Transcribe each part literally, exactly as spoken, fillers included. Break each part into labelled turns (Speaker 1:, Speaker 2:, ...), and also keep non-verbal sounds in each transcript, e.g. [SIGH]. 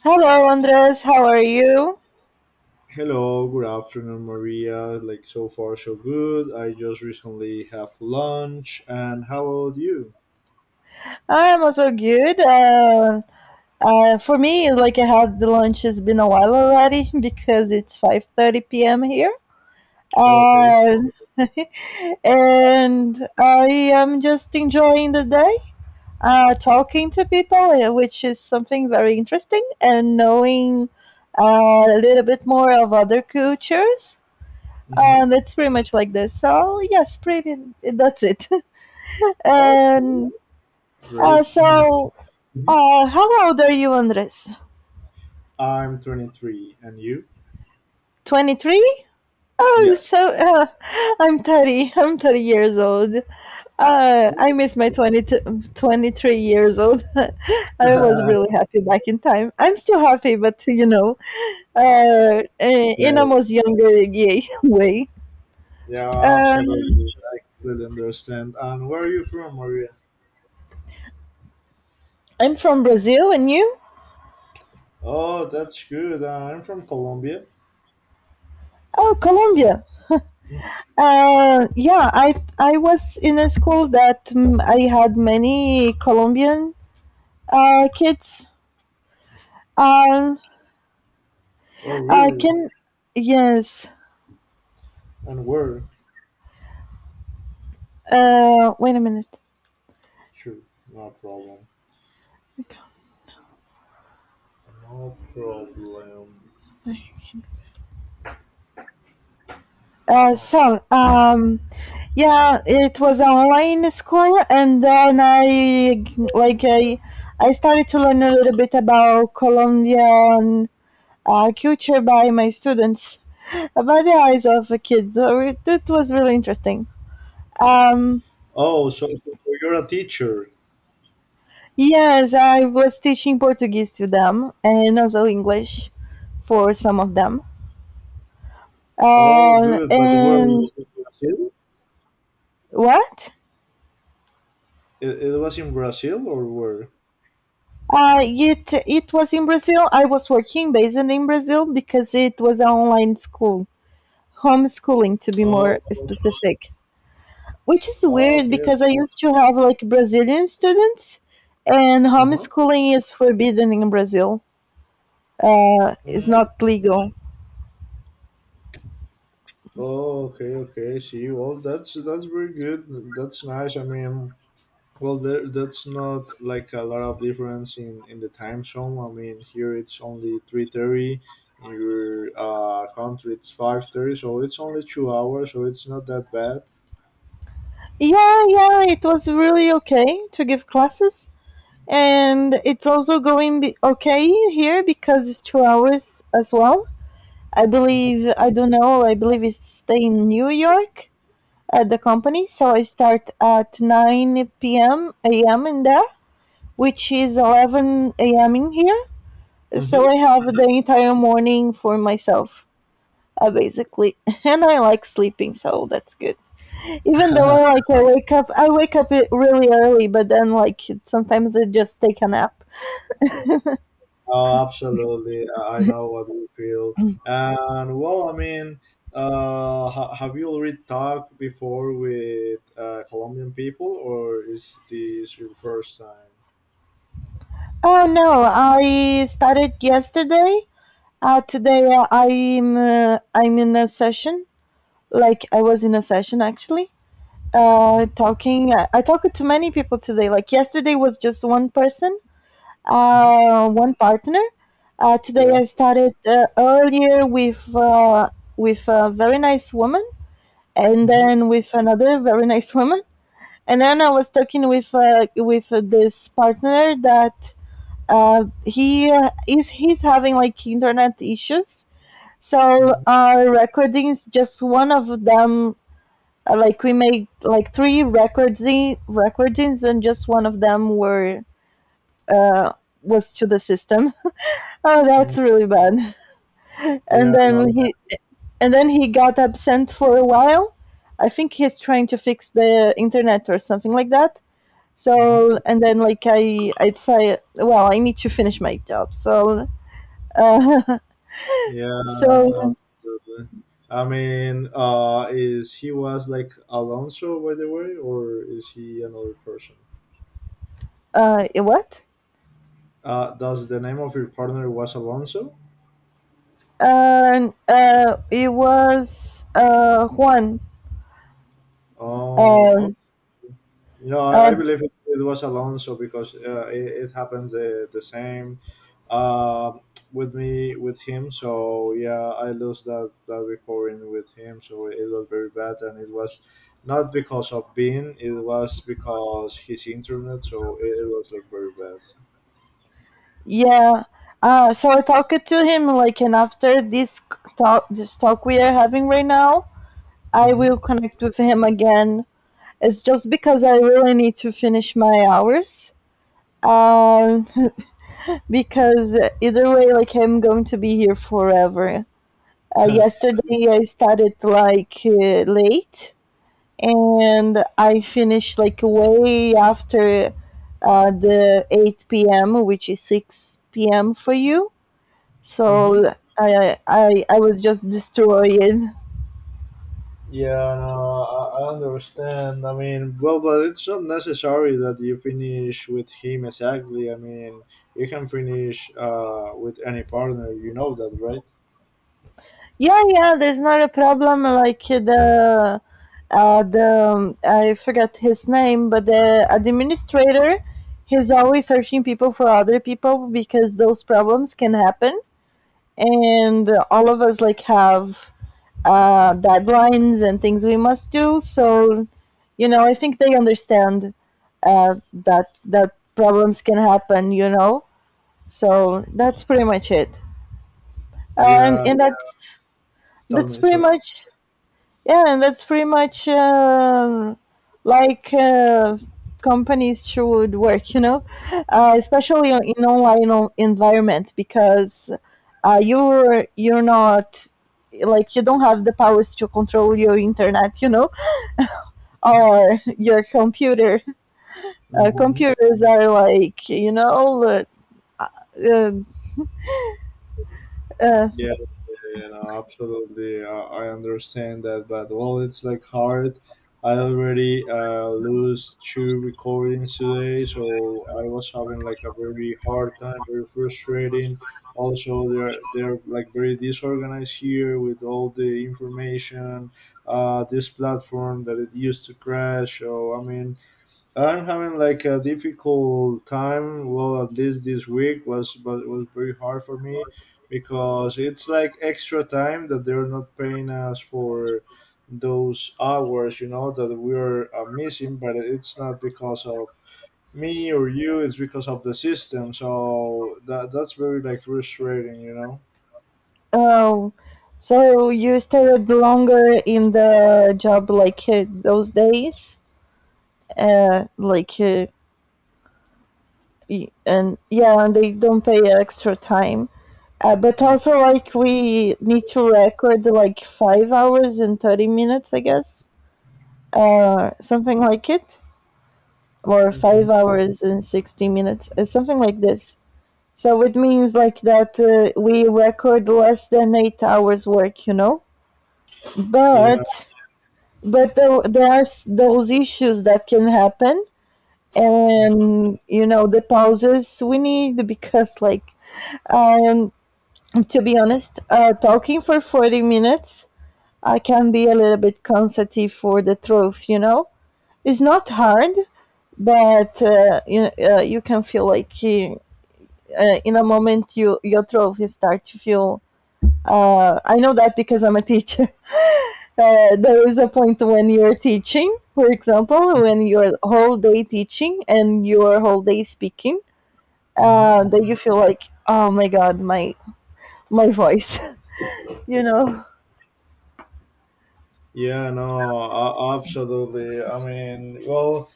Speaker 1: Hello, Andres. How are you?
Speaker 2: Hello, good afternoon, Maria. Like so far, so good. I just recently have lunch, and how about you?
Speaker 1: I'm also good. Uh, uh, for me, like I had the lunch has been a while already [LAUGHS] because it's five thirty p m here,
Speaker 2: Oh, okay.
Speaker 1: and [LAUGHS] and I am just enjoying the day, uh, talking to people, uh, which is something very interesting, and knowing uh, a little bit more of other cultures.
Speaker 2: Mm-hmm.
Speaker 1: And it's pretty much like this. So yes, pretty. That's it. [LAUGHS]
Speaker 2: Okay.
Speaker 1: and Uh,
Speaker 2: Great. Um,
Speaker 1: so,
Speaker 2: mhm.
Speaker 1: uh, how old are you, Andres?
Speaker 2: I'm twenty-three, and you?
Speaker 1: twenty-three? Oh,
Speaker 2: Yes.
Speaker 1: so uh, I'm thirty. I'm thirty years old. Uh, I
Speaker 2: Oh.
Speaker 1: miss my 20 t- twenty-three years old. [LAUGHS] I was really
Speaker 2: [LAUGHS]
Speaker 1: happy back in time. I'm still happy, but you know, uh, eh,
Speaker 2: Yeah,
Speaker 1: in a most younger ye- [LAUGHS] way.
Speaker 2: yeah,
Speaker 1: Um,
Speaker 2: absolutely. I completely understand. And where are you from, Maria?
Speaker 1: I'm from Brazil, and you?
Speaker 2: Oh, that's good. I'm from Colombia.
Speaker 1: Oh, Colombia. Uh, yeah, I I was in a school that mm, I had many Colombian Uh, kids are
Speaker 2: Oh,
Speaker 1: uh,
Speaker 2: really?
Speaker 1: can yes.
Speaker 2: And where?
Speaker 1: Uh, wait a minute.
Speaker 2: Sure, no problem. No problem.
Speaker 1: Uh, so um, yeah, it was online school, and then I like I I started to learn a little bit about Colombian uh, culture by my students, by the eyes of a kid. So it, it was really interesting. Um,
Speaker 2: Oh, so, so so you're a teacher.
Speaker 1: yes, I was teaching Portuguese to them and also English for some of them.
Speaker 2: Oh,
Speaker 1: Uh,
Speaker 2: good. But where in
Speaker 1: and
Speaker 2: Brazil?
Speaker 1: What?
Speaker 2: It, it was in Brazil or where?
Speaker 1: Uh, it it was in Brazil. I was working based in Brazil because it was an online school, homeschooling to be more
Speaker 2: Oh,
Speaker 1: specific. Which is
Speaker 2: oh
Speaker 1: weird
Speaker 2: okay,
Speaker 1: because I
Speaker 2: okay.
Speaker 1: used to have like Brazilian students, and
Speaker 2: Uh-huh.
Speaker 1: homeschooling is forbidden in Brazil. Uh, it's
Speaker 2: Mm.
Speaker 1: not legal.
Speaker 2: Oh, okay, okay. See, well, that's that's very good. That's nice. I mean, well, there that's not like a lot of difference in in the time zone. I mean, here it's only three thirty. In your uh, country, it's five thirty, so it's only two hours, so it's not that bad.
Speaker 1: Yeah, yeah, it was really okay to give classes, and it's also going be- okay here because it's two hours as well. I
Speaker 2: Mm-hmm.
Speaker 1: believe, I don't know. I believe it's stay in New York at the company. So I start at nine p m a m in there, which is eleven a m in here.
Speaker 2: Mm-hmm.
Speaker 1: So I have the entire morning for myself, uh, basically. [LAUGHS] And I like sleeping, so that's good. Even though I like I wake up, I wake up really early, but then like sometimes I just take a nap.
Speaker 2: Oh, absolutely. I I know what you feel. And well, I mean, uh, ha- have you already talked before with uh, Colombian people, or is this your first time?
Speaker 1: Oh no, I started yesterday. Uh, today uh, I'm uh, I'm in a session like I was in a session actually uh,
Speaker 2: Mm-hmm.
Speaker 1: talking. I, I talked to many people today. Like yesterday was just one person,
Speaker 2: Mm-hmm.
Speaker 1: uh, one partner. Uh, today
Speaker 2: Yeah.
Speaker 1: I started uh, earlier with uh, with a very nice woman, and
Speaker 2: Mm-hmm.
Speaker 1: then with another very [LAUGHS] nice woman, and then I was talking with uh, with uh, this partner that uh, he uh, is he's having like internet issues. So
Speaker 2: Mm-hmm.
Speaker 1: our recordings, just one of them uh, like we made like three records recordings, and just one of them were uh, was to the system. [LAUGHS] Oh, that's really bad. And
Speaker 2: Yeah.
Speaker 1: then
Speaker 2: No.
Speaker 1: he and then he got absent for a while. I think he's trying to fix the internet or something like that. So
Speaker 2: Mm-hmm.
Speaker 1: and then like I I'd say well I need to finish my job. So uh, [LAUGHS]
Speaker 2: Yeah.
Speaker 1: so
Speaker 2: Absolutely. I mean, uh, is he was like Alonso, by the way, or is he another person?
Speaker 1: uh, what?
Speaker 2: Uh, does the name of your partner was Alonso?
Speaker 1: Uh, uh, it was uh, Juan. Uh,
Speaker 2: Oh, You know, I, I
Speaker 1: uh,
Speaker 2: believe it, it was Alonso because uh, it, it happens the, the same uh, with me with him. So yeah, I lost that that recording with him. So it was very bad, and it was not because of Bean. It was because his internet. So it, it was like very bad.
Speaker 1: Yeah. Uh, so I talked to him like, and after this c- talk, this talk we are having right now, I
Speaker 2: Hmm.
Speaker 1: will connect with him again. It's just because I really need to finish my hours. Um, [LAUGHS] because either way, like I'm going to be here forever. Uh, yesterday I started like uh, late, and I finished like way after uh, the eight p m, which is six p m for you.
Speaker 2: Hmm. [LAUGHS]
Speaker 1: So I I I was just destroyed.
Speaker 2: Yeah, no, I, I understand. I mean, well, but it's not necessary that you finish with him exactly. I mean, you can finish uh, with any partner. You know that, right?
Speaker 1: Yeah, yeah, there's not a problem. Like the uh, the um, I forgot his name, but the administrator, he's always searching people for other people because those problems can happen, and all of us like have uh, deadlines and things we must do. So, you know, I think they understand uh, that that problems can happen. You know, so that's pretty much it. Uh, and
Speaker 2: Yeah.
Speaker 1: and that's
Speaker 2: Tell
Speaker 1: that's
Speaker 2: me,
Speaker 1: pretty
Speaker 2: sorry.
Speaker 1: much yeah, and That's pretty much um, like uh, companies should work, you know, uh, especially on- in online o- environment because uh, you're you're not like you don't have the powers to control your internet, you know, or your computer. Uh,
Speaker 2: Mhm.
Speaker 1: computers are like you know. Uh, uh, uh,
Speaker 2: Yeah, yeah, no, absolutely. I, I understand that, but well, it's like hard. I already uh, lose two recordings today, so I was having like a very hard time, very frustrating. Also, they're they're like very disorganized here with all the information. Uh, this platform that it used to crash. So I mean, I'm having like a difficult time. Well, at least this week was but it was very hard for me because it's like extra time that they're not paying us for those hours, you know, that we are uh, missing. But it's not because of me or you. It's because of the system. So that that's very like frustrating, you know.
Speaker 1: Oh, so you stayed longer in the job like uh, those days? Uh, like, uh, y- and Yeah, and they don't pay extra time. Uh, but also, like, we need to record like five hours and thirty minutes, I guess. Uh, something like it. Or
Speaker 2: Hmm.
Speaker 1: five hours and sixty minutes. Uh, something like this. So it means like that uh, we record less than eight hours work, you know?
Speaker 2: Yeah.
Speaker 1: But but tho- there are s- Those issues that can happen, and you know the pauses we need because like um to be honest, uh talking for forty minutes, I can be a little bit sensitive for the truth, you know. It's not hard, but uh, you, uh, you can feel like you- uh, in a moment you your throat will start to feel. uh, I know that because I'm a teacher. Uh, there is a point when you're teaching, for example, when you're whole day teaching and you're whole day speaking,
Speaker 2: Hmm.
Speaker 1: uh, that you feel like, oh my god, my my voice, [LAUGHS] you know,
Speaker 2: Yeah. No. Uh, absolutely. I mean, well.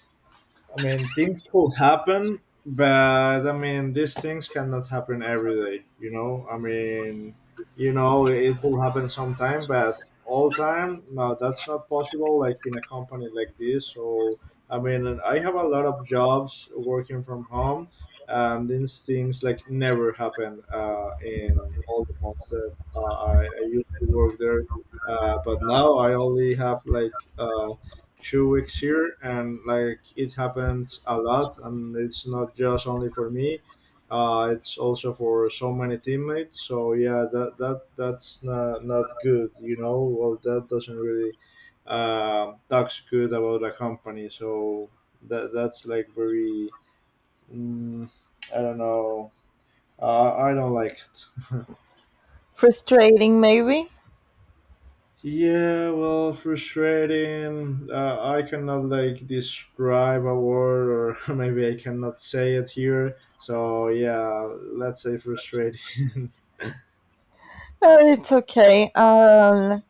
Speaker 2: I mean, things could happen, but I mean, these things cannot happen every day. You know, I mean, you know, it will happen sometime, but all time, no, that's not possible. Like in a company like this, so I mean, and I have a lot of jobs working from home, and these things like never happen uh, in all the months that uh, I, I used to work there. Uh, but now I only have like uh, two weeks here, and like it happens a lot, and it's not just only for me, uh, it's also for so many teammates. So yeah, that that that's not, not good, you know. Well, that doesn't really uh, talks good about a company. So that that's like very mm, I don't know, uh, I don't like it. [LAUGHS]
Speaker 1: frustrating maybe.
Speaker 2: Yeah, well, frustrating. Uh, I cannot like describe a word, or [LAUGHS] maybe I cannot say it here. So yeah, let's say frustrating.
Speaker 1: Uh, it's okay. Um,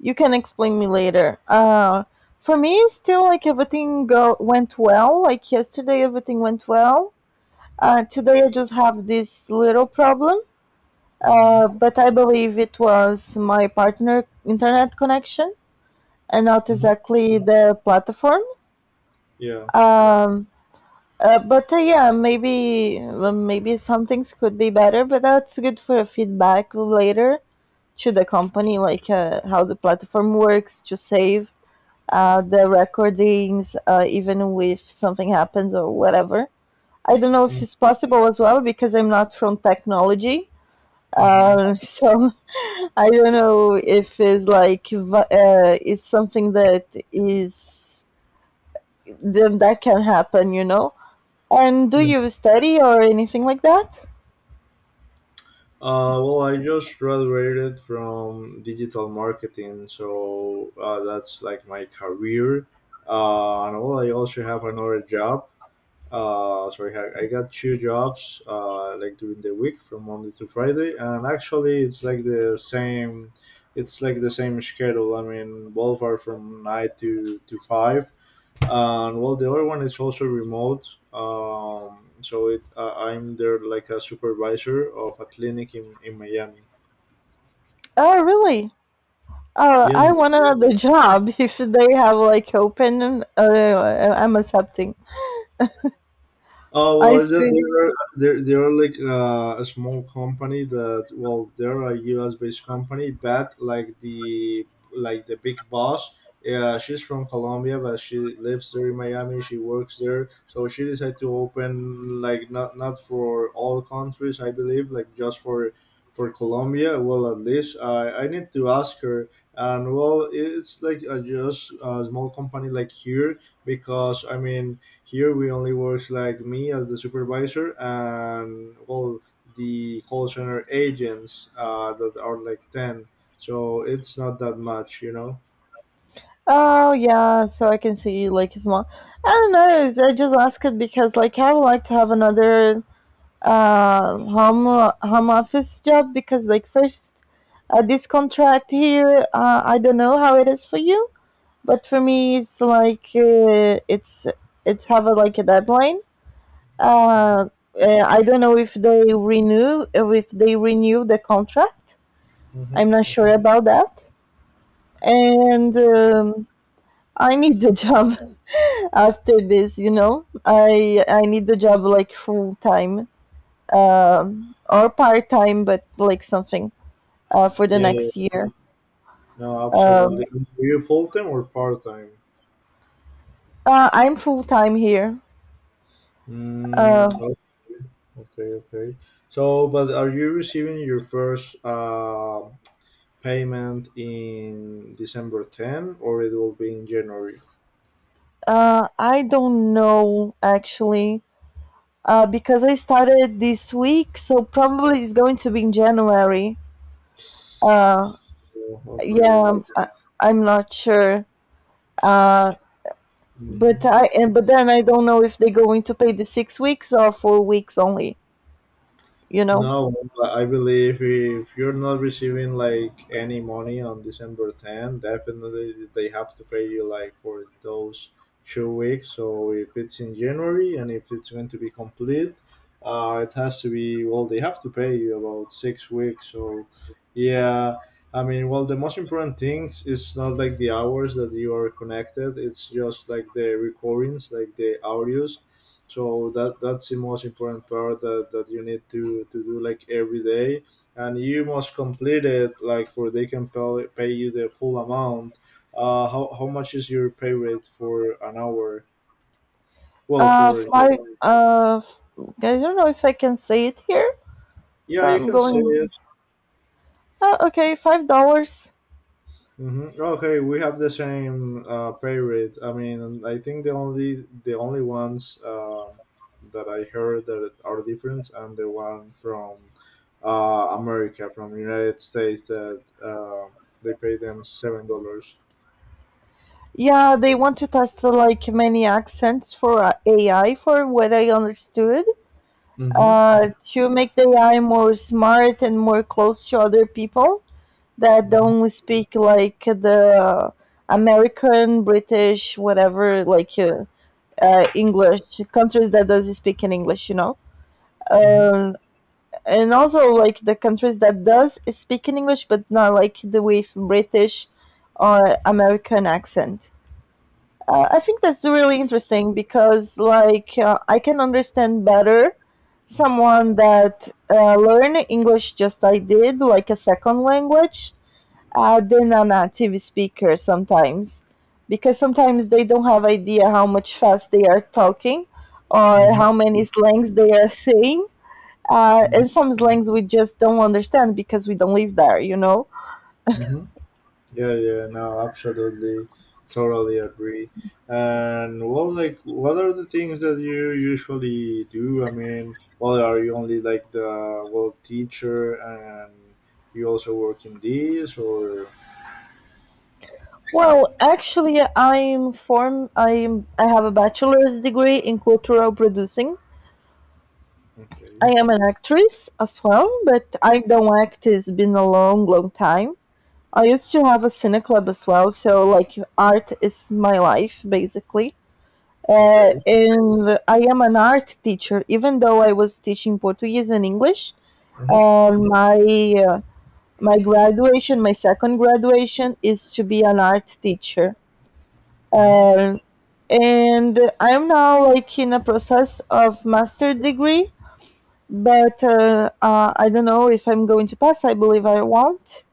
Speaker 1: You can explain me later. Uh, for me, still like everything go went well. Like yesterday, everything went well. Uh, today, I just have this little problem.
Speaker 2: [LAUGHS] Hmm.
Speaker 1: Uh, but I believe it was my partner internet connection and not
Speaker 2: Hmm.
Speaker 1: exactly the platform.
Speaker 2: Yeah.
Speaker 1: Um, uh, but uh, Yeah, maybe uh, maybe some things could be better, but that's good for feedback later to the company, like uh, how the platform works to save uh, the recordings, uh, even if something happens or whatever. I don't know if
Speaker 2: Mm-hmm.
Speaker 1: it's possible as well because I'm not from technology,
Speaker 2: Mm-hmm.
Speaker 1: uh, [LAUGHS] so I don't know if it's like va- uh, it's something that is then that can happen, you know. And do
Speaker 2: Uh,
Speaker 1: you study or anything like that?
Speaker 2: well, I just graduated from digital marketing, so uh, that's like my career. Uh, and well, I also have another job, uh, sorry, I, I got two jobs uh, like during the week from Monday to Friday, and actually it's like the same, it's like the same schedule. I mean, both are from nine to to five, and well, the other one is also remote. Um, so it, uh, I'm there like a supervisor of a clinic in in Miami.
Speaker 1: Oh, really? Oh,
Speaker 2: Yes.
Speaker 1: I want another job. [LAUGHS] If they have like open, uh, I'm accepting.
Speaker 2: Oh, well,
Speaker 1: I
Speaker 2: is that
Speaker 1: speak.
Speaker 2: they're they're, they're like uh, a small company that well, they're a U S based company, but like the like the big boss, yeah, she's from Colombia, but she lives there in Miami. She works there, so she decided to open like not not for all countries, I believe, like just for for Colombia. Well, at least I I need to ask her, and well, it's like a, just a small company like here, because I mean here we only works like me as the supervisor and all the call center agents uh, that are like ten. So it's not that much, you know.
Speaker 1: Oh yeah, so I can see like small. I don't know. it's- I just ask it because like I would like to have another uh home home office job because like first, uh, this contract here, uh, I don't know how it is for you, but for me it's like uh, it's it's have a, like a deadline. Uh, uh, i don't know if they renew uh, if they renew the contract.
Speaker 2: Mm-hmm.
Speaker 1: I'm not sure about that. And um, I need the job. [LAUGHS] After this, you know, i i need the job like full time, um, or part time, but like something uh, for the
Speaker 2: Yeah,
Speaker 1: next year.
Speaker 2: no, absolutely.
Speaker 1: um,
Speaker 2: Are you full time or part time?
Speaker 1: uh, i'm full time here.
Speaker 2: Mm,
Speaker 1: Uh,
Speaker 2: oh, okay, okay. So, but are you receiving your first uh, payment in December tenth or it will be in January? [SIGHS]
Speaker 1: uh, I don't know actually, uh, because I started this week, so probably it's going to be in January. Uh,
Speaker 2: Oh,
Speaker 1: yeah,
Speaker 2: okay.
Speaker 1: I'm- I, I'm not sure. Uh, but
Speaker 2: Mhm.
Speaker 1: I and but then I don't know if they're going to pay the six weeks or four weeks only. You know,
Speaker 2: No, but I believe if you're not receiving like any money on December tenth, definitely they have to pay you like for those two weeks. So if it's in January and if it's going to be complete, uh, it has to be, well, they have to pay you about six weeks. So yeah, I mean, well, the most important things is not like the hours that you are connected, it's just like the recordings, like the audios, so that that's the most important part that, that you need to, to do like every day, and you must complete it like for they can pay, pay you the full amount. Uh, how, how much is your pay rate for an hour? Well,
Speaker 1: uh,
Speaker 2: for...
Speaker 1: five. Uh, f- I don't know if I can say it here,
Speaker 2: Yeah,
Speaker 1: so
Speaker 2: you
Speaker 1: I'm
Speaker 2: can say
Speaker 1: going.
Speaker 2: it.
Speaker 1: Uh, okay, five dollars.
Speaker 2: Mm-hmm. Okay, we have the same uh, pay rate. I mean, I think the only the only ones uh, that I heard that are different, and the one from uh, America, from the United States, that uh, they pay them seven dollars.
Speaker 1: Yeah, they want to test uh, like many accents for uh, A I, for what I understood,
Speaker 2: Mm-hmm.
Speaker 1: uh, to make the A I more smart and more close to other people that
Speaker 2: Mm-hmm.
Speaker 1: don't speak like the American, British, whatever, like uh, uh, English countries that does speak in English, you know. Um, and also like the countries that does speak in English, but not like the with British or American accent. Uh, I think that's really interesting because, like, uh, I can understand better someone that uh, learn English just like I did, like a second language, uh, than a native speaker sometimes, because sometimes they don't have idea how much fast they are talking or
Speaker 2: Mm-hmm.
Speaker 1: how many slangs they are [LAUGHS] saying. Uh, and some slangs we just don't understand because we don't live there, you know.
Speaker 2: Mm-hmm. Yeah, yeah, no, absolutely, totally agree. And well, like, what are the things that you usually do? I mean, well, are you only like the well teacher, and you also work in this, or
Speaker 1: Well, actually, I'm form. I'm. I have a bachelor's degree in cultural producing.
Speaker 2: okay,
Speaker 1: I am an actress as well, but I don't act. It's been a long, long time. I used to have a cine club as well, so like art is my life basically. Uh,
Speaker 2: okay,
Speaker 1: and I am an art teacher, even though I was teaching Portuguese and English.
Speaker 2: mm-hmm.
Speaker 1: And my uh, my graduation, My second graduation is to be an art teacher.
Speaker 2: Mm-hmm.
Speaker 1: Um, and I am now like in a process of master degree, but uh, uh, I don't know if I'm going to pass. I believe I won't.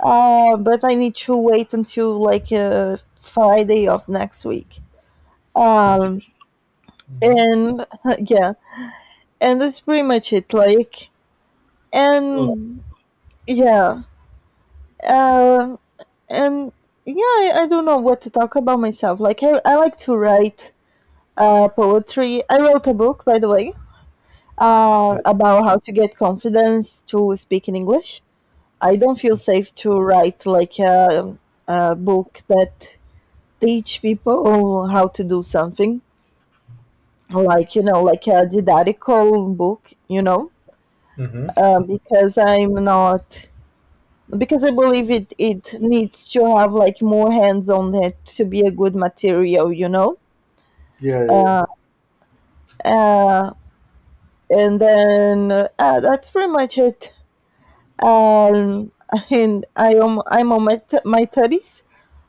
Speaker 1: Uh, but I need to wait until like uh, Friday of next week. Um,
Speaker 2: Mm-hmm.
Speaker 1: and [LAUGHS] Yeah, and that's pretty much it. Like,
Speaker 2: Oh,
Speaker 1: and yeah, uh, and Yeah, I, I don't know what to talk about myself. Like, I, I like to write uh, poetry. I wrote a book, by the way, uh,
Speaker 2: oh.
Speaker 1: about how to get confidence to speak in English. I don't feel
Speaker 2: Mm-hmm.
Speaker 1: safe to write like a, a book that teach people how to do something, like you know, like a didactical book, you know,
Speaker 2: Mm-hmm.
Speaker 1: uh, because I'm not because I believe it it needs to have like more hands on it to be a good material, you know.
Speaker 2: Yeah, yeah, yeah.
Speaker 1: Uh, and then uh, that's pretty much it. Um, and I am I'm on my th- my thirties.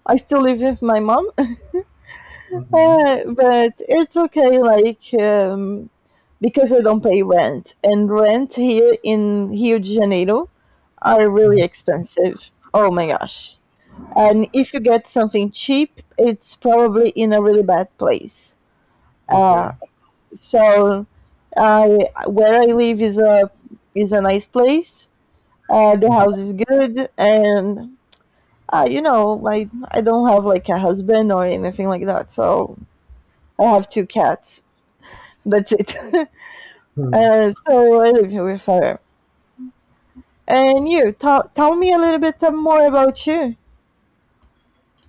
Speaker 1: I still live with my mom, [LAUGHS] uh,
Speaker 2: Mm-hmm.
Speaker 1: but it's okay. Like, um, because I don't pay rent, and rent here in Rio de Janeiro are
Speaker 2: Mm-hmm.
Speaker 1: really expensive. Oh my gosh! And if you get something cheap, it's probably in a really bad place.
Speaker 2: Okay.
Speaker 1: So, I where I live is a is a nice place. Uh, the house is good, and uh, you know, I I don't have like a husband or anything like that, so I have two cats. That's it. [LAUGHS]
Speaker 2: Mhm.
Speaker 1: Uh, so I live here with her. And you, tell tell me a little bit more about you.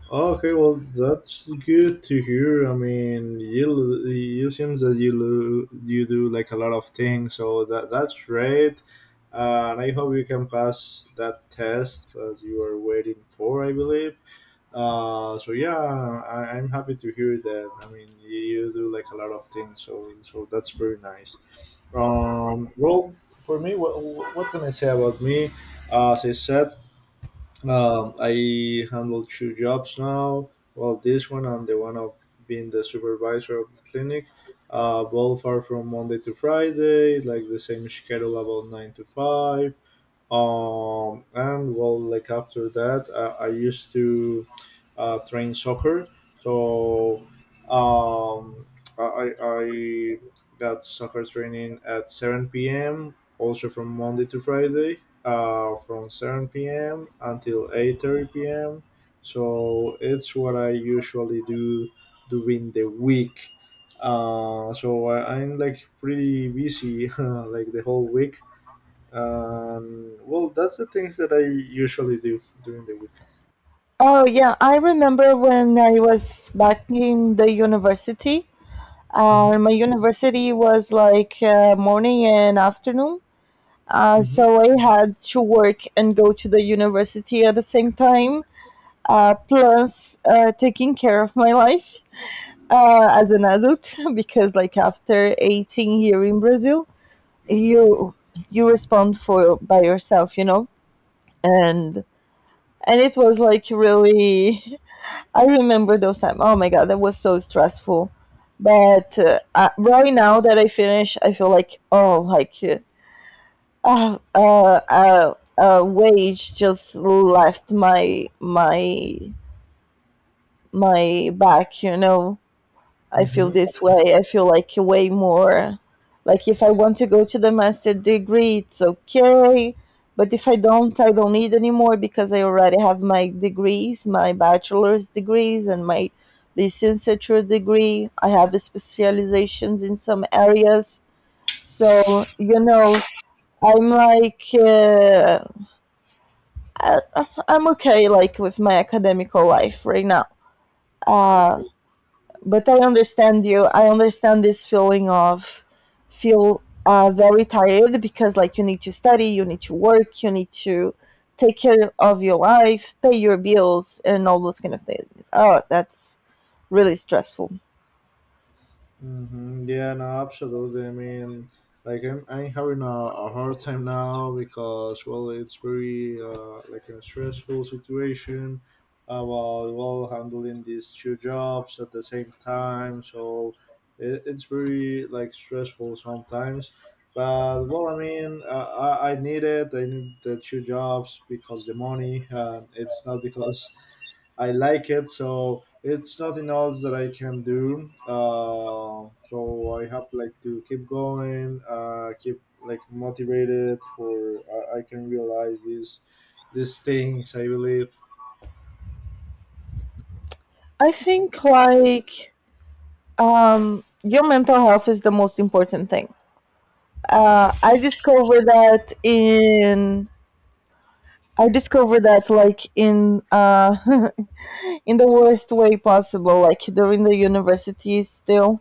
Speaker 2: Oh, okay, well, that's good to hear. I mean, you you seems that you lo- you do like a lot of things, so that that's great. Uh, and I hope you can pass that test that you are waiting for. I believe. Uh, so yeah, I, I'm happy to hear that. I mean, you, you do like a lot of things, so so that's very nice. Um, well, for me, what, what can I say about me? As I said, um, I handle two jobs now. Well, this one and the one of being the supervisor of the clinic. Uh, both are from Monday to Friday, like the same schedule about nine to five, um, and well, like after that uh, i used to uh, train soccer. So um, I, I got soccer training at seven p.m. also from Monday to Friday, uh, from seven p.m. until eight thirty p.m., so it's what I usually do during the week. uh, so I, i'm like pretty busy [LAUGHS] like the whole week. um, well, that's the things that I usually do during the week.
Speaker 1: Oh yeah, I remember when I was back in the university. Uh, my university was like uh, morning and afternoon, uh,
Speaker 2: Hmm.
Speaker 1: so I had to work and go to the university at the same time, uh, plus uh, taking care of my life, uh, as an adult [LAUGHS] because like after 18 here in Brazil, you you respond for by yourself, you know. And and it was like really, [LAUGHS] I remember those times. Oh my god, that was so stressful. But uh, uh, right now that I finish, I feel like, oh, like uh, uh, uh, uh, wage just left my my my back, you know. I feel
Speaker 2: Hmm.
Speaker 1: this way. I feel like way more. Like if I want to go to the master degree, it's okay. But if I don't, I don't need anymore because I already have my degrees, my bachelor's degrees and my licenciature degree. I have specializations in some areas. So, you know, I'm like, uh, I, I'm okay, like with my academic life right now. Uh,
Speaker 2: Hmm.
Speaker 1: but I understand you. I understand this feeling of feel uh, very tired because like you need to study, you need to work, you need to take care of your life, pay your bills, and all those kind of things. Oh, that's really stressful.
Speaker 2: Mm-hmm. Yeah, no, absolutely. I mean, like I'm, I'm having a, a hard time now because well, it's very uh, like a stressful situation about well handling these two jobs at the same time. So it, it's very like stressful sometimes. But well, I mean, uh, I, I need it. I need the two jobs because the money, and it's not because I like it. So it's nothing else that I can do. Uh, so I have like to keep going, uh, keep like motivated for I, I can realize these these things. I believe.
Speaker 1: I think, like, um, your mental health is the most important thing. Uh, I discovered that in I discovered that like in uh, [LAUGHS] in the worst way possible, like during the university still.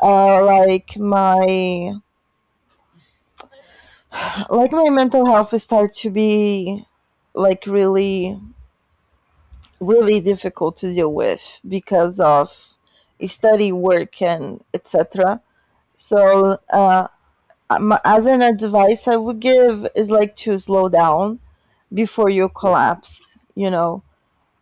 Speaker 1: Uh, like my like my mental health start to be like really really difficult to deal with because of study, work, and etc. So, uh, as an advice I would give is like to slow down before you
Speaker 2: Yeah.
Speaker 1: collapse, you know.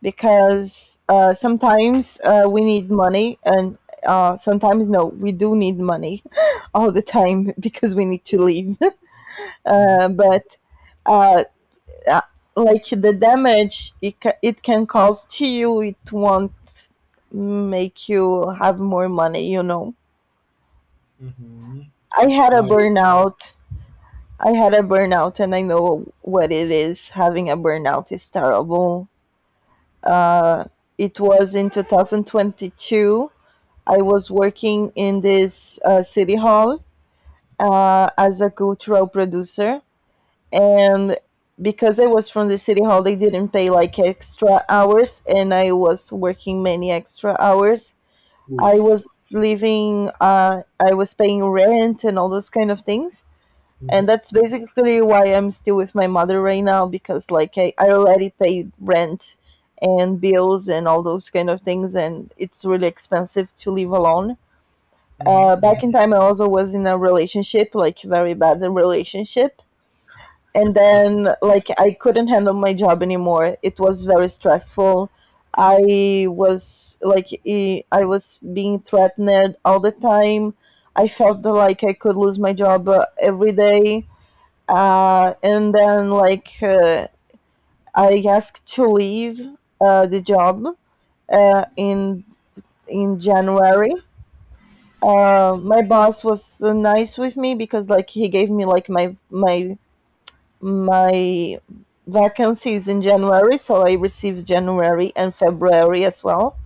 Speaker 1: Because uh, sometimes uh, we need money, and uh, sometimes, no, we do need money [LAUGHS] all the time [LAUGHS] because we need to live. [LAUGHS]
Speaker 2: Mm-hmm.
Speaker 1: uh, but uh, uh, like the damage it, ca- it can cause to you, it won't make you have more money, you know.
Speaker 2: Mm-hmm.
Speaker 1: I had a
Speaker 2: Now.
Speaker 1: burnout. I had a burnout, and I know what it is. Having a burnout is terrible. It was in twenty twenty-two. I was working in this uh, city hall uh, as a cultural producer, and because I was from the city hall, they didn't pay like extra hours, and I was working many extra hours. I
Speaker 2: Oof.
Speaker 1: was living, uh, I was paying rent and all those kind of things.
Speaker 2: Mm-hmm.
Speaker 1: And that's basically why I'm still with my mother right now because, like, I, I already paid rent and bills and all those kind of things, and it's really expensive to live alone. Uh,
Speaker 2: Mm-hmm.
Speaker 1: back in time, I also was in a relationship, like very bad relationship, and
Speaker 2: Mm-hmm. Okay.
Speaker 1: then like I couldn't handle my job anymore. It was very stressful. I was like e- I was being threatened all the time. I felt that, like I could lose my job uh, every day, uh, and then like uh, I asked to leave uh, the job uh, in in January. Uh, my boss was uh, nice with me because like he gave me like my my my vacancies in January, so I received January and February as well.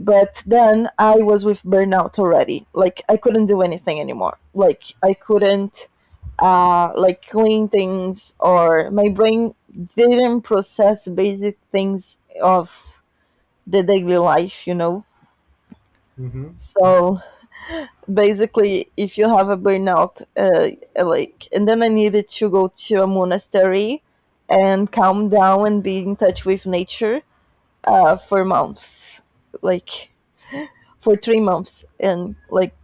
Speaker 1: But then I was with burnout already. Like I couldn't do anything anymore. Like I couldn't uh, like clean things, or my brain didn't process basic things of the daily life, you know.
Speaker 2: Mm-hmm.
Speaker 1: So, basically, if you have a burnout, uh, like and then I needed to go to a monastery and calm down and be in touch with nature uh, for months, like for three months. And like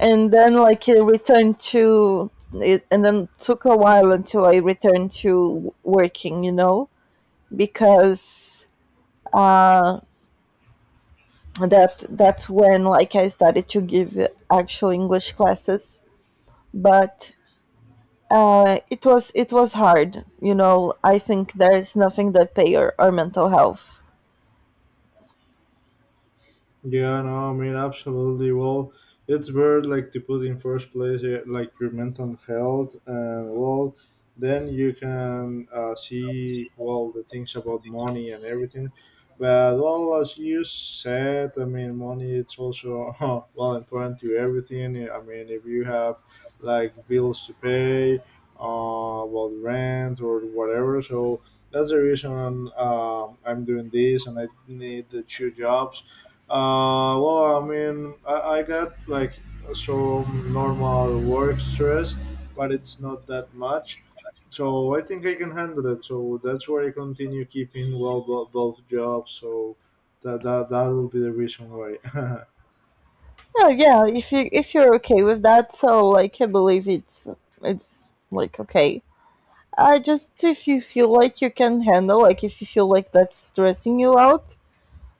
Speaker 1: and then like I returned to it, and then took a while until I returned to working, you know. Because uh, that that's when like I started to give actual English classes. But Uh, it was it was hard, you know. I think there is nothing that pay our, our mental health.
Speaker 2: Yeah, no, I mean, absolutely. Well, it's where like to put in first place eh, like your mental health, and well, then you can uh, see well the things about money and everything. But well, as you said, I mean, money it's also [LAUGHS] well important to everything. I mean, if you have like bills to pay, uh, well, rent or whatever. So that's the reason um, I'm doing this, and I need the two jobs, uh, well, I mean, I, I got like some normal work stress, but it's not that much. So I think I can handle it. So that's why I continue keeping well bo- both jobs. So that that that will be the reason why. [LAUGHS]
Speaker 1: Oh yeah, if you if you're okay with that, so like I believe it's it's like okay. I just, if you feel like you can handle, like if you feel like that's stressing you out,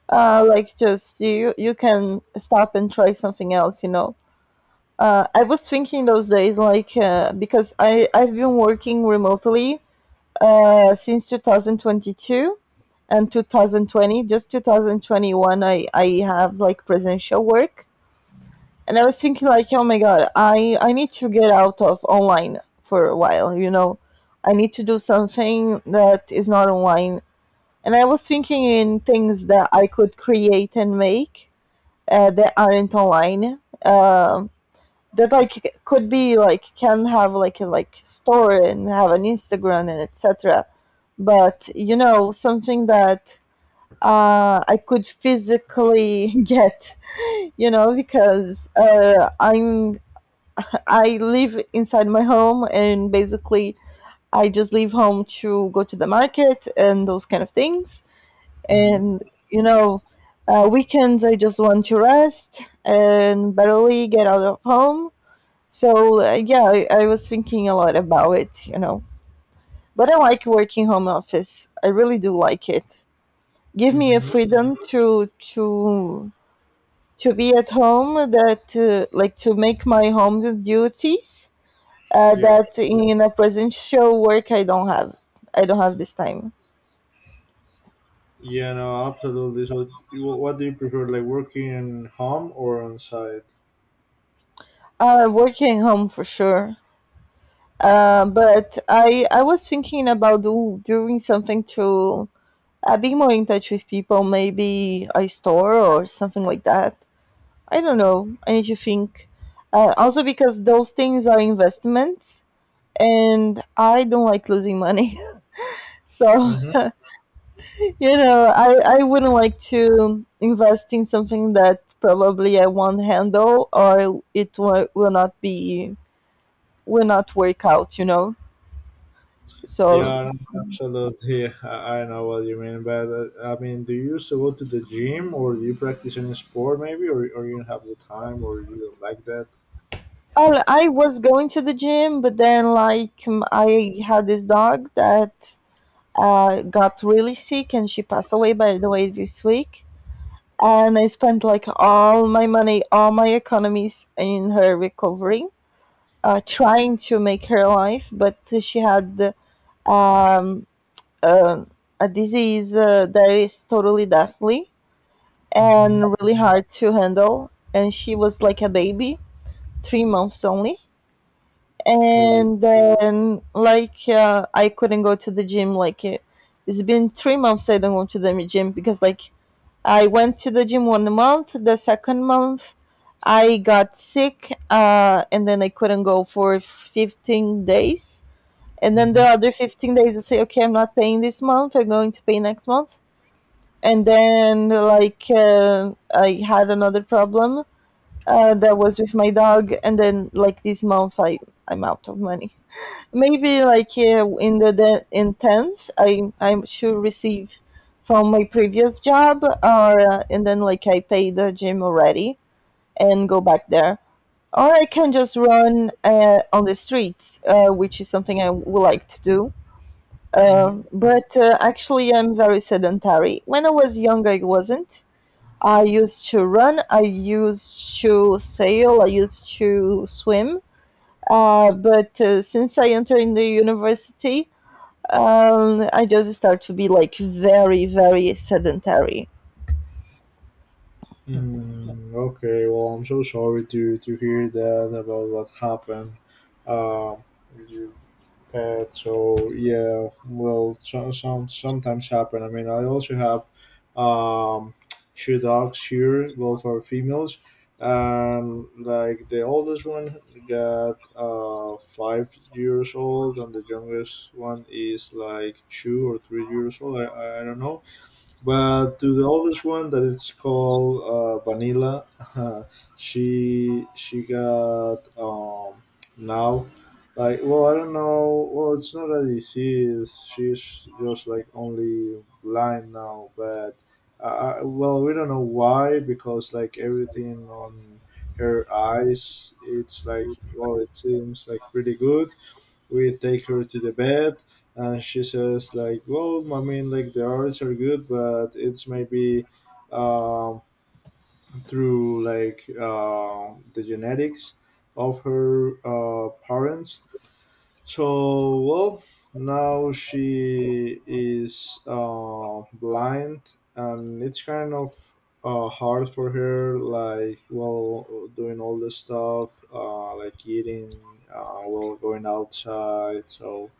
Speaker 1: uh, like just you you can stop and try something else, you know. Uh, I was thinking those days like, uh, because I I've been working remotely uh, since two thousand twenty-two, and twenty twenty just twenty twenty-one i i have like presential work. And I was thinking, like, oh my god, i I need to get out of online for a while, you know. I need to do something that is not online. And I was thinking in things that I could create and make, uh, that aren't online, uh, that like could be like can have like a like store and have an Instagram and et cetera. But you know, something that uh, I could physically [LAUGHS] get, you know. Because uh, I'm I live inside my home, and basically I just leave home to go to the market and those kind of things.
Speaker 2: Mm-hmm.
Speaker 1: And you know, uh, weekends I just want to rest and barely get out of home. So uh, yeah, I, I was thinking a lot about it, you know. But I like working home office. I really do like it. Give me a
Speaker 2: Mm-hmm.
Speaker 1: freedom to to to be at home that uh, like to make my home duties uh,
Speaker 2: Yeah.
Speaker 1: that in a presential work I don't have. I don't have this time.
Speaker 2: Yeah. No. Absolutely. So, you- what do you prefer, like working home or on site?
Speaker 1: Uh, working home for sure. Uh, but I I was thinking about do, doing something to I've been more in touch with people, maybe a store or something like that. I don't know. I need to think. Uh, also, because those things are investments, and I don't like losing money. [LAUGHS] So, [LAUGHS]
Speaker 2: Mm-hmm.
Speaker 1: you know, I, I wouldn't like to invest in something that probably I won't handle or it w- will not be, will not work out, you know. So,
Speaker 2: Yeah, absolutely. I, I know what you mean but that. I mean, do you used to go to the gym or do you practice any sport maybe or, or you don't have the time or you don't like that?
Speaker 1: I, I was going to the gym, but then, like, um, I had this dog that uh, got really sick, and she passed away, by the way, this week. And I spent like all my money, all my economies in her recovery, uh, trying to make her life. But she had um, uh, a disease uh, that is totally deathly
Speaker 2: Mm-hmm.
Speaker 1: and really hard to handle, and she was like a baby, three months only.
Speaker 2: Oh,
Speaker 1: And then like uh, I couldn't go to the gym. Like it, it's been three months I don't go to the gym. Because like I went to the gym one month. The second month, I got sick, uh, and then I couldn't go for fifteen days. And then the
Speaker 2: mm-hmm.
Speaker 1: other fifteen days, I say, okay, I'm not paying this month. I'm going to pay next month. And then, like, uh, I had another problem uh, that was with my dog. And then, like, this month, I, I'm out of money. Maybe like uh, in the de- in tenth, I I should receive from my previous job, or, uh, and then like I pay the gym already and go back there, or I can just run uh, on the streets, uh, which is something I would like to do. Um,
Speaker 2: Mm-hmm.
Speaker 1: but uh, actually, I'm very sedentary. When I was young, I wasn't. I used to run. I used to sail. I used to swim. Uh, but uh, since I entered in the university, um, I just start to be like very, very sedentary.
Speaker 2: Mm, okay, well, I'm so sorry to, to hear that about what happened. Um, Pet. So yeah, well, some some sometimes happen. I mean, I also have um, two dogs here, both are females, and like the oldest one got uh, five years old, and the youngest one is like two or three years old. I, I don't know. But to the oldest one that it's called uh, Vanilla, [LAUGHS] she she got um, now, like, well, I don't know. Well, it's not a disease, she's just like only blind now. But uh, uh, well, we don't know why, because like everything on her eyes, it's like, well, it seems like pretty good. We take her to the bed and she says like, well, I mean, like the arts are good, but it's maybe um through like uh, the genetics of her uh, parents. So well, now she is uh, blind, and it's kind of uh, hard for her, like, well, doing all this stuff, uh, like eating, uh, well, going outside. So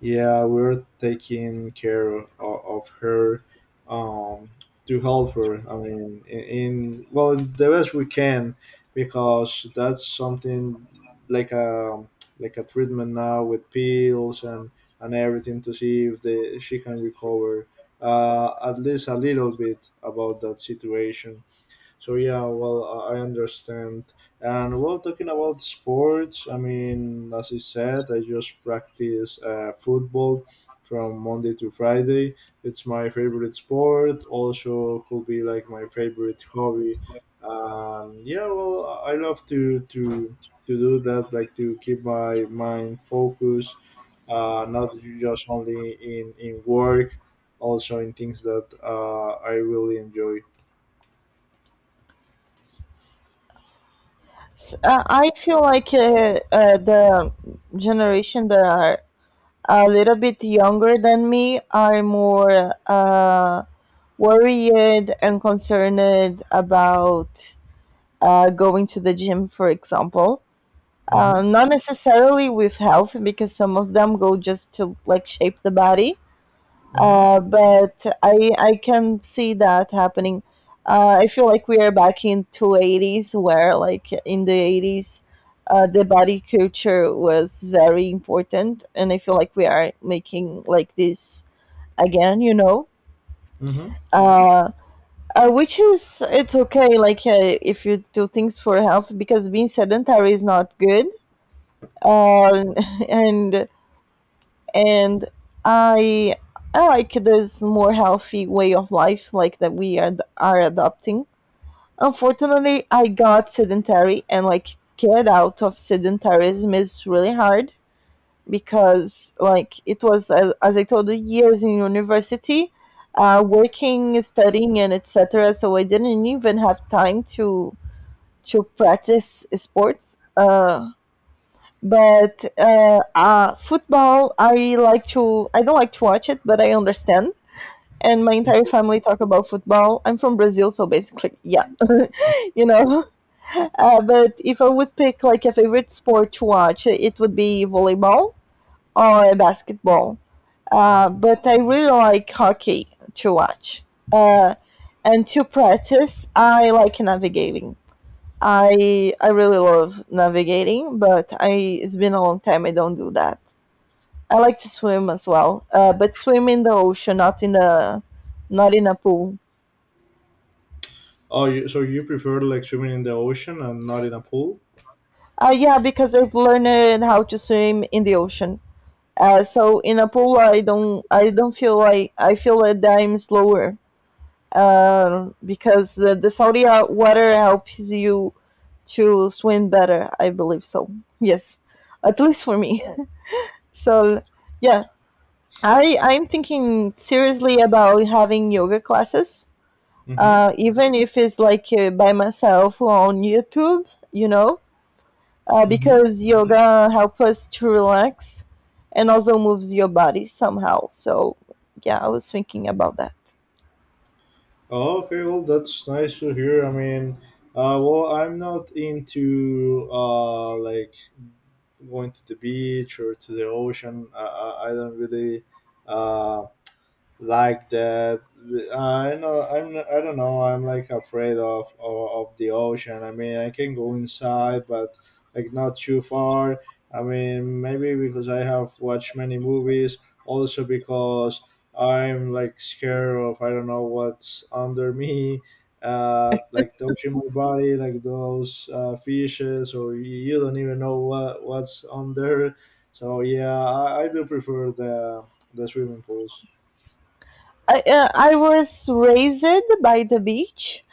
Speaker 2: yeah, we're taking care of, of her, um, to help her. I mean, in, in well, the best we can, because that's something like a like a treatment now with pills and and everything to see if the, she can recover, uh, at least a little bit about that situation. So yeah, well, I I understand. And well, talking about sports, I mean, as I said, I just practice uh, football from Monday to Friday. It's my favorite sport. Also, could be like my favorite hobby. Um, yeah, well, I I love to to to do that, like to keep my mind focused, uh, not just only in in work, also in things that uh, I really enjoy.
Speaker 1: S- uh, I feel like uh, uh, the generation that are a little bit younger than me are more uh, worried and concerned about uh, going to the gym, for example. Uh,
Speaker 2: Mm-hmm.
Speaker 1: not necessarily with health, because some of them go just to like shape the body,
Speaker 2: Mm-hmm.
Speaker 1: uh, but I I can see that happening. Uh, I feel like we are back in two eighties where like in the eighties, uh, the body culture was very important, and I feel like we are making like this again. You know.
Speaker 2: Mm-hmm.
Speaker 1: Uh, uh, which is it's okay like uh, if you do things for health because being sedentary is not good, uh, [LAUGHS] and and I I like this more healthy way of life, like that we are are adopting. Unfortunately, I got sedentary, and like get out of sedentarism is really hard because like it was as, as I told you, years in university, uh, working, studying, and et cetera. So I didn't even have time to to practice sports. Uh, but uh, uh, Football, I like to. I don't like to watch it, but I understand. And my entire family talk about football. I'm from Brazil, so basically, yeah, [LAUGHS] you know. Uh, but if I would pick like a favorite sport to watch, it would be volleyball or basketball. Uh, but I really like hockey to watch. Uh, and to practice, I like navigating. I I really love navigating, but I it's been a long time I don't do that. I like to swim as well, uh, but swim in the ocean, not in a not in a pool.
Speaker 2: Oh, you, so you prefer like swimming in the ocean and not in a pool?
Speaker 1: Uh, yeah, because I've learned how to swim in the ocean. Uh, so in a pool, I don't I don't feel like I feel that I'm slower uh, because the, the salty uh, water helps you to swim better. I believe so. Yes, at least for me. [LAUGHS] so yeah, I I'm thinking seriously about having yoga classes,
Speaker 2: Mm-hmm.
Speaker 1: uh, even if it's like uh, by myself or on YouTube, you know, uh,
Speaker 2: Mm-hmm.
Speaker 1: because yoga helps us to relax and also moves your body somehow. So, yeah, I was thinking about that.
Speaker 2: Oh, okay, well, that's nice to hear. I mean, uh, well, I'm not into uh, like going to the beach or to the ocean. I, I, I don't really uh, like that. Uh, I know I'm I don't know. I'm like afraid of, of of the ocean. I mean, I can go inside, but like not too far. I mean, maybe because I have watched many movies. Also because I'm like scared of, I don't know what's under me. Uh, like touching my body, like those uh, fishes, or you don't even know what what's under. So yeah, I, I do prefer the the swimming pools.
Speaker 1: I, uh, I was raised by the beach,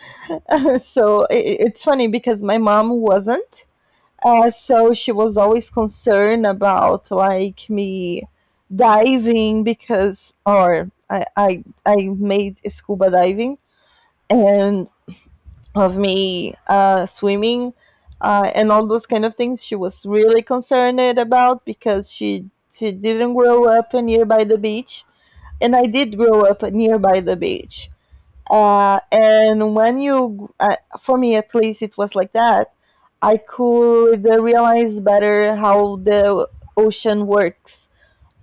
Speaker 1: [LAUGHS] so i i- it's funny because my mom wasn't. Uh, so she was always concerned about like me diving because, or I, I I made scuba diving, and of me uh, swimming, uh, and all those kind of things she was really concerned about because she she didn't grow up nearby the beach, and I did grow up nearby the beach. Uh, and when you uh, For me, at least, it was like that. I could uh, realize better how the ocean works,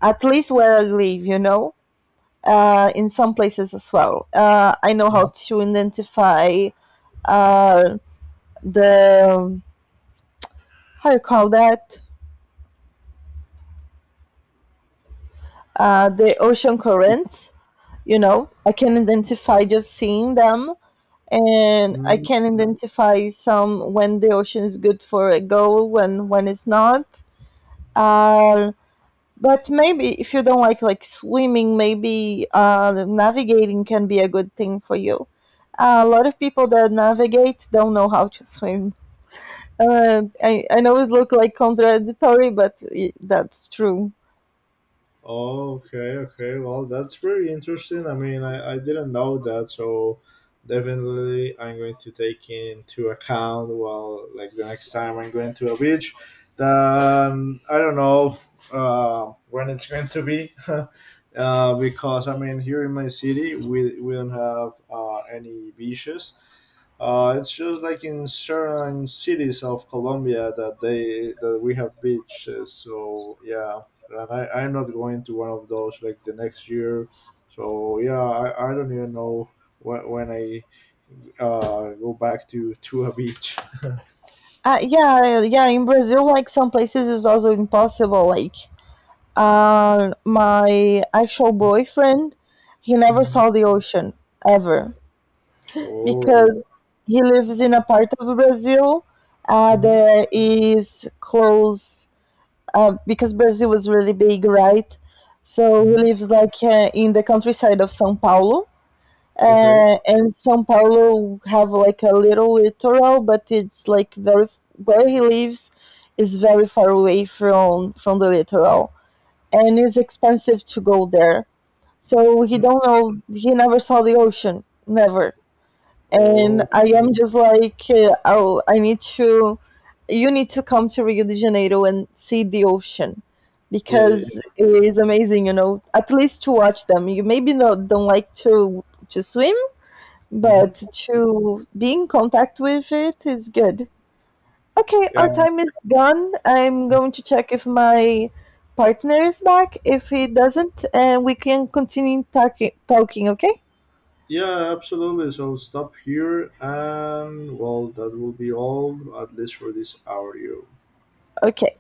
Speaker 1: at least where I live, you know. Uh, in some places as well, uh, I know
Speaker 2: Mm-hmm.
Speaker 1: how to identify uh, the how you call that uh, the ocean currents. You know, I can identify just seeing them, and I
Speaker 2: Mm.
Speaker 1: can identify some when the ocean is good for a goal, when when it's not. Uh, but maybe if you don't like like swimming, maybe uh, navigating can be a good thing for you. Uh, a lot of people that navigate don't know how to swim. Uh, I, I know it looks like contradictory, but i- that's true.
Speaker 2: Oh, okay, okay. Well, that's very interesting. I mean, I, I didn't know that, so definitely I'm going to take into account. Well, like the next time I'm going to a beach, then I don't know uh, when it's going to be, [LAUGHS] uh, because I mean, here in my city, we we don't have uh, any beaches. Uh, it's just like in certain cities of Colombia that they that we have beaches. So yeah, and I, I'm not going to one of those like the next year. So yeah, I, I don't even know when, when I uh, go back to to a beach.
Speaker 1: Uh, yeah, yeah. In Brazil, like some places, is also impossible. Like, uh, my actual boyfriend, he never
Speaker 2: Mhm.
Speaker 1: saw the ocean ever,
Speaker 2: Oh.
Speaker 1: because he lives in a part of Brazil uh,
Speaker 2: Hmm.
Speaker 1: that is close. Uh, because Brazil is really big, right? So he
Speaker 2: Hmm.
Speaker 1: lives like uh, in the countryside of São Paulo,
Speaker 2: Okay.
Speaker 1: uh, and São Paulo have like a little littoral, but it's like very, where he lives is very far away from from the littoral, and it's expensive to go there. So he
Speaker 2: Mm.
Speaker 1: don't know. He never saw the ocean, never. And
Speaker 2: Oh.
Speaker 1: I am just like, uh, oh, I need to. You need to come to Rio de Janeiro and see the ocean,
Speaker 2: Yeah. Yeah. Yeah.
Speaker 1: because it is amazing, you know, at least to watch them. You maybe not don't like to to swim,
Speaker 2: Hmm.
Speaker 1: but to be in contact with it is good. Okay, our
Speaker 2: Yeah.
Speaker 1: time is gone. I'm going to check if my partner is back. If he doesn't, uh, we can continue talking. Talking, okay?
Speaker 2: Yeah, absolutely. So stop here, and well, that will be all, at least for this audio.
Speaker 1: Okay.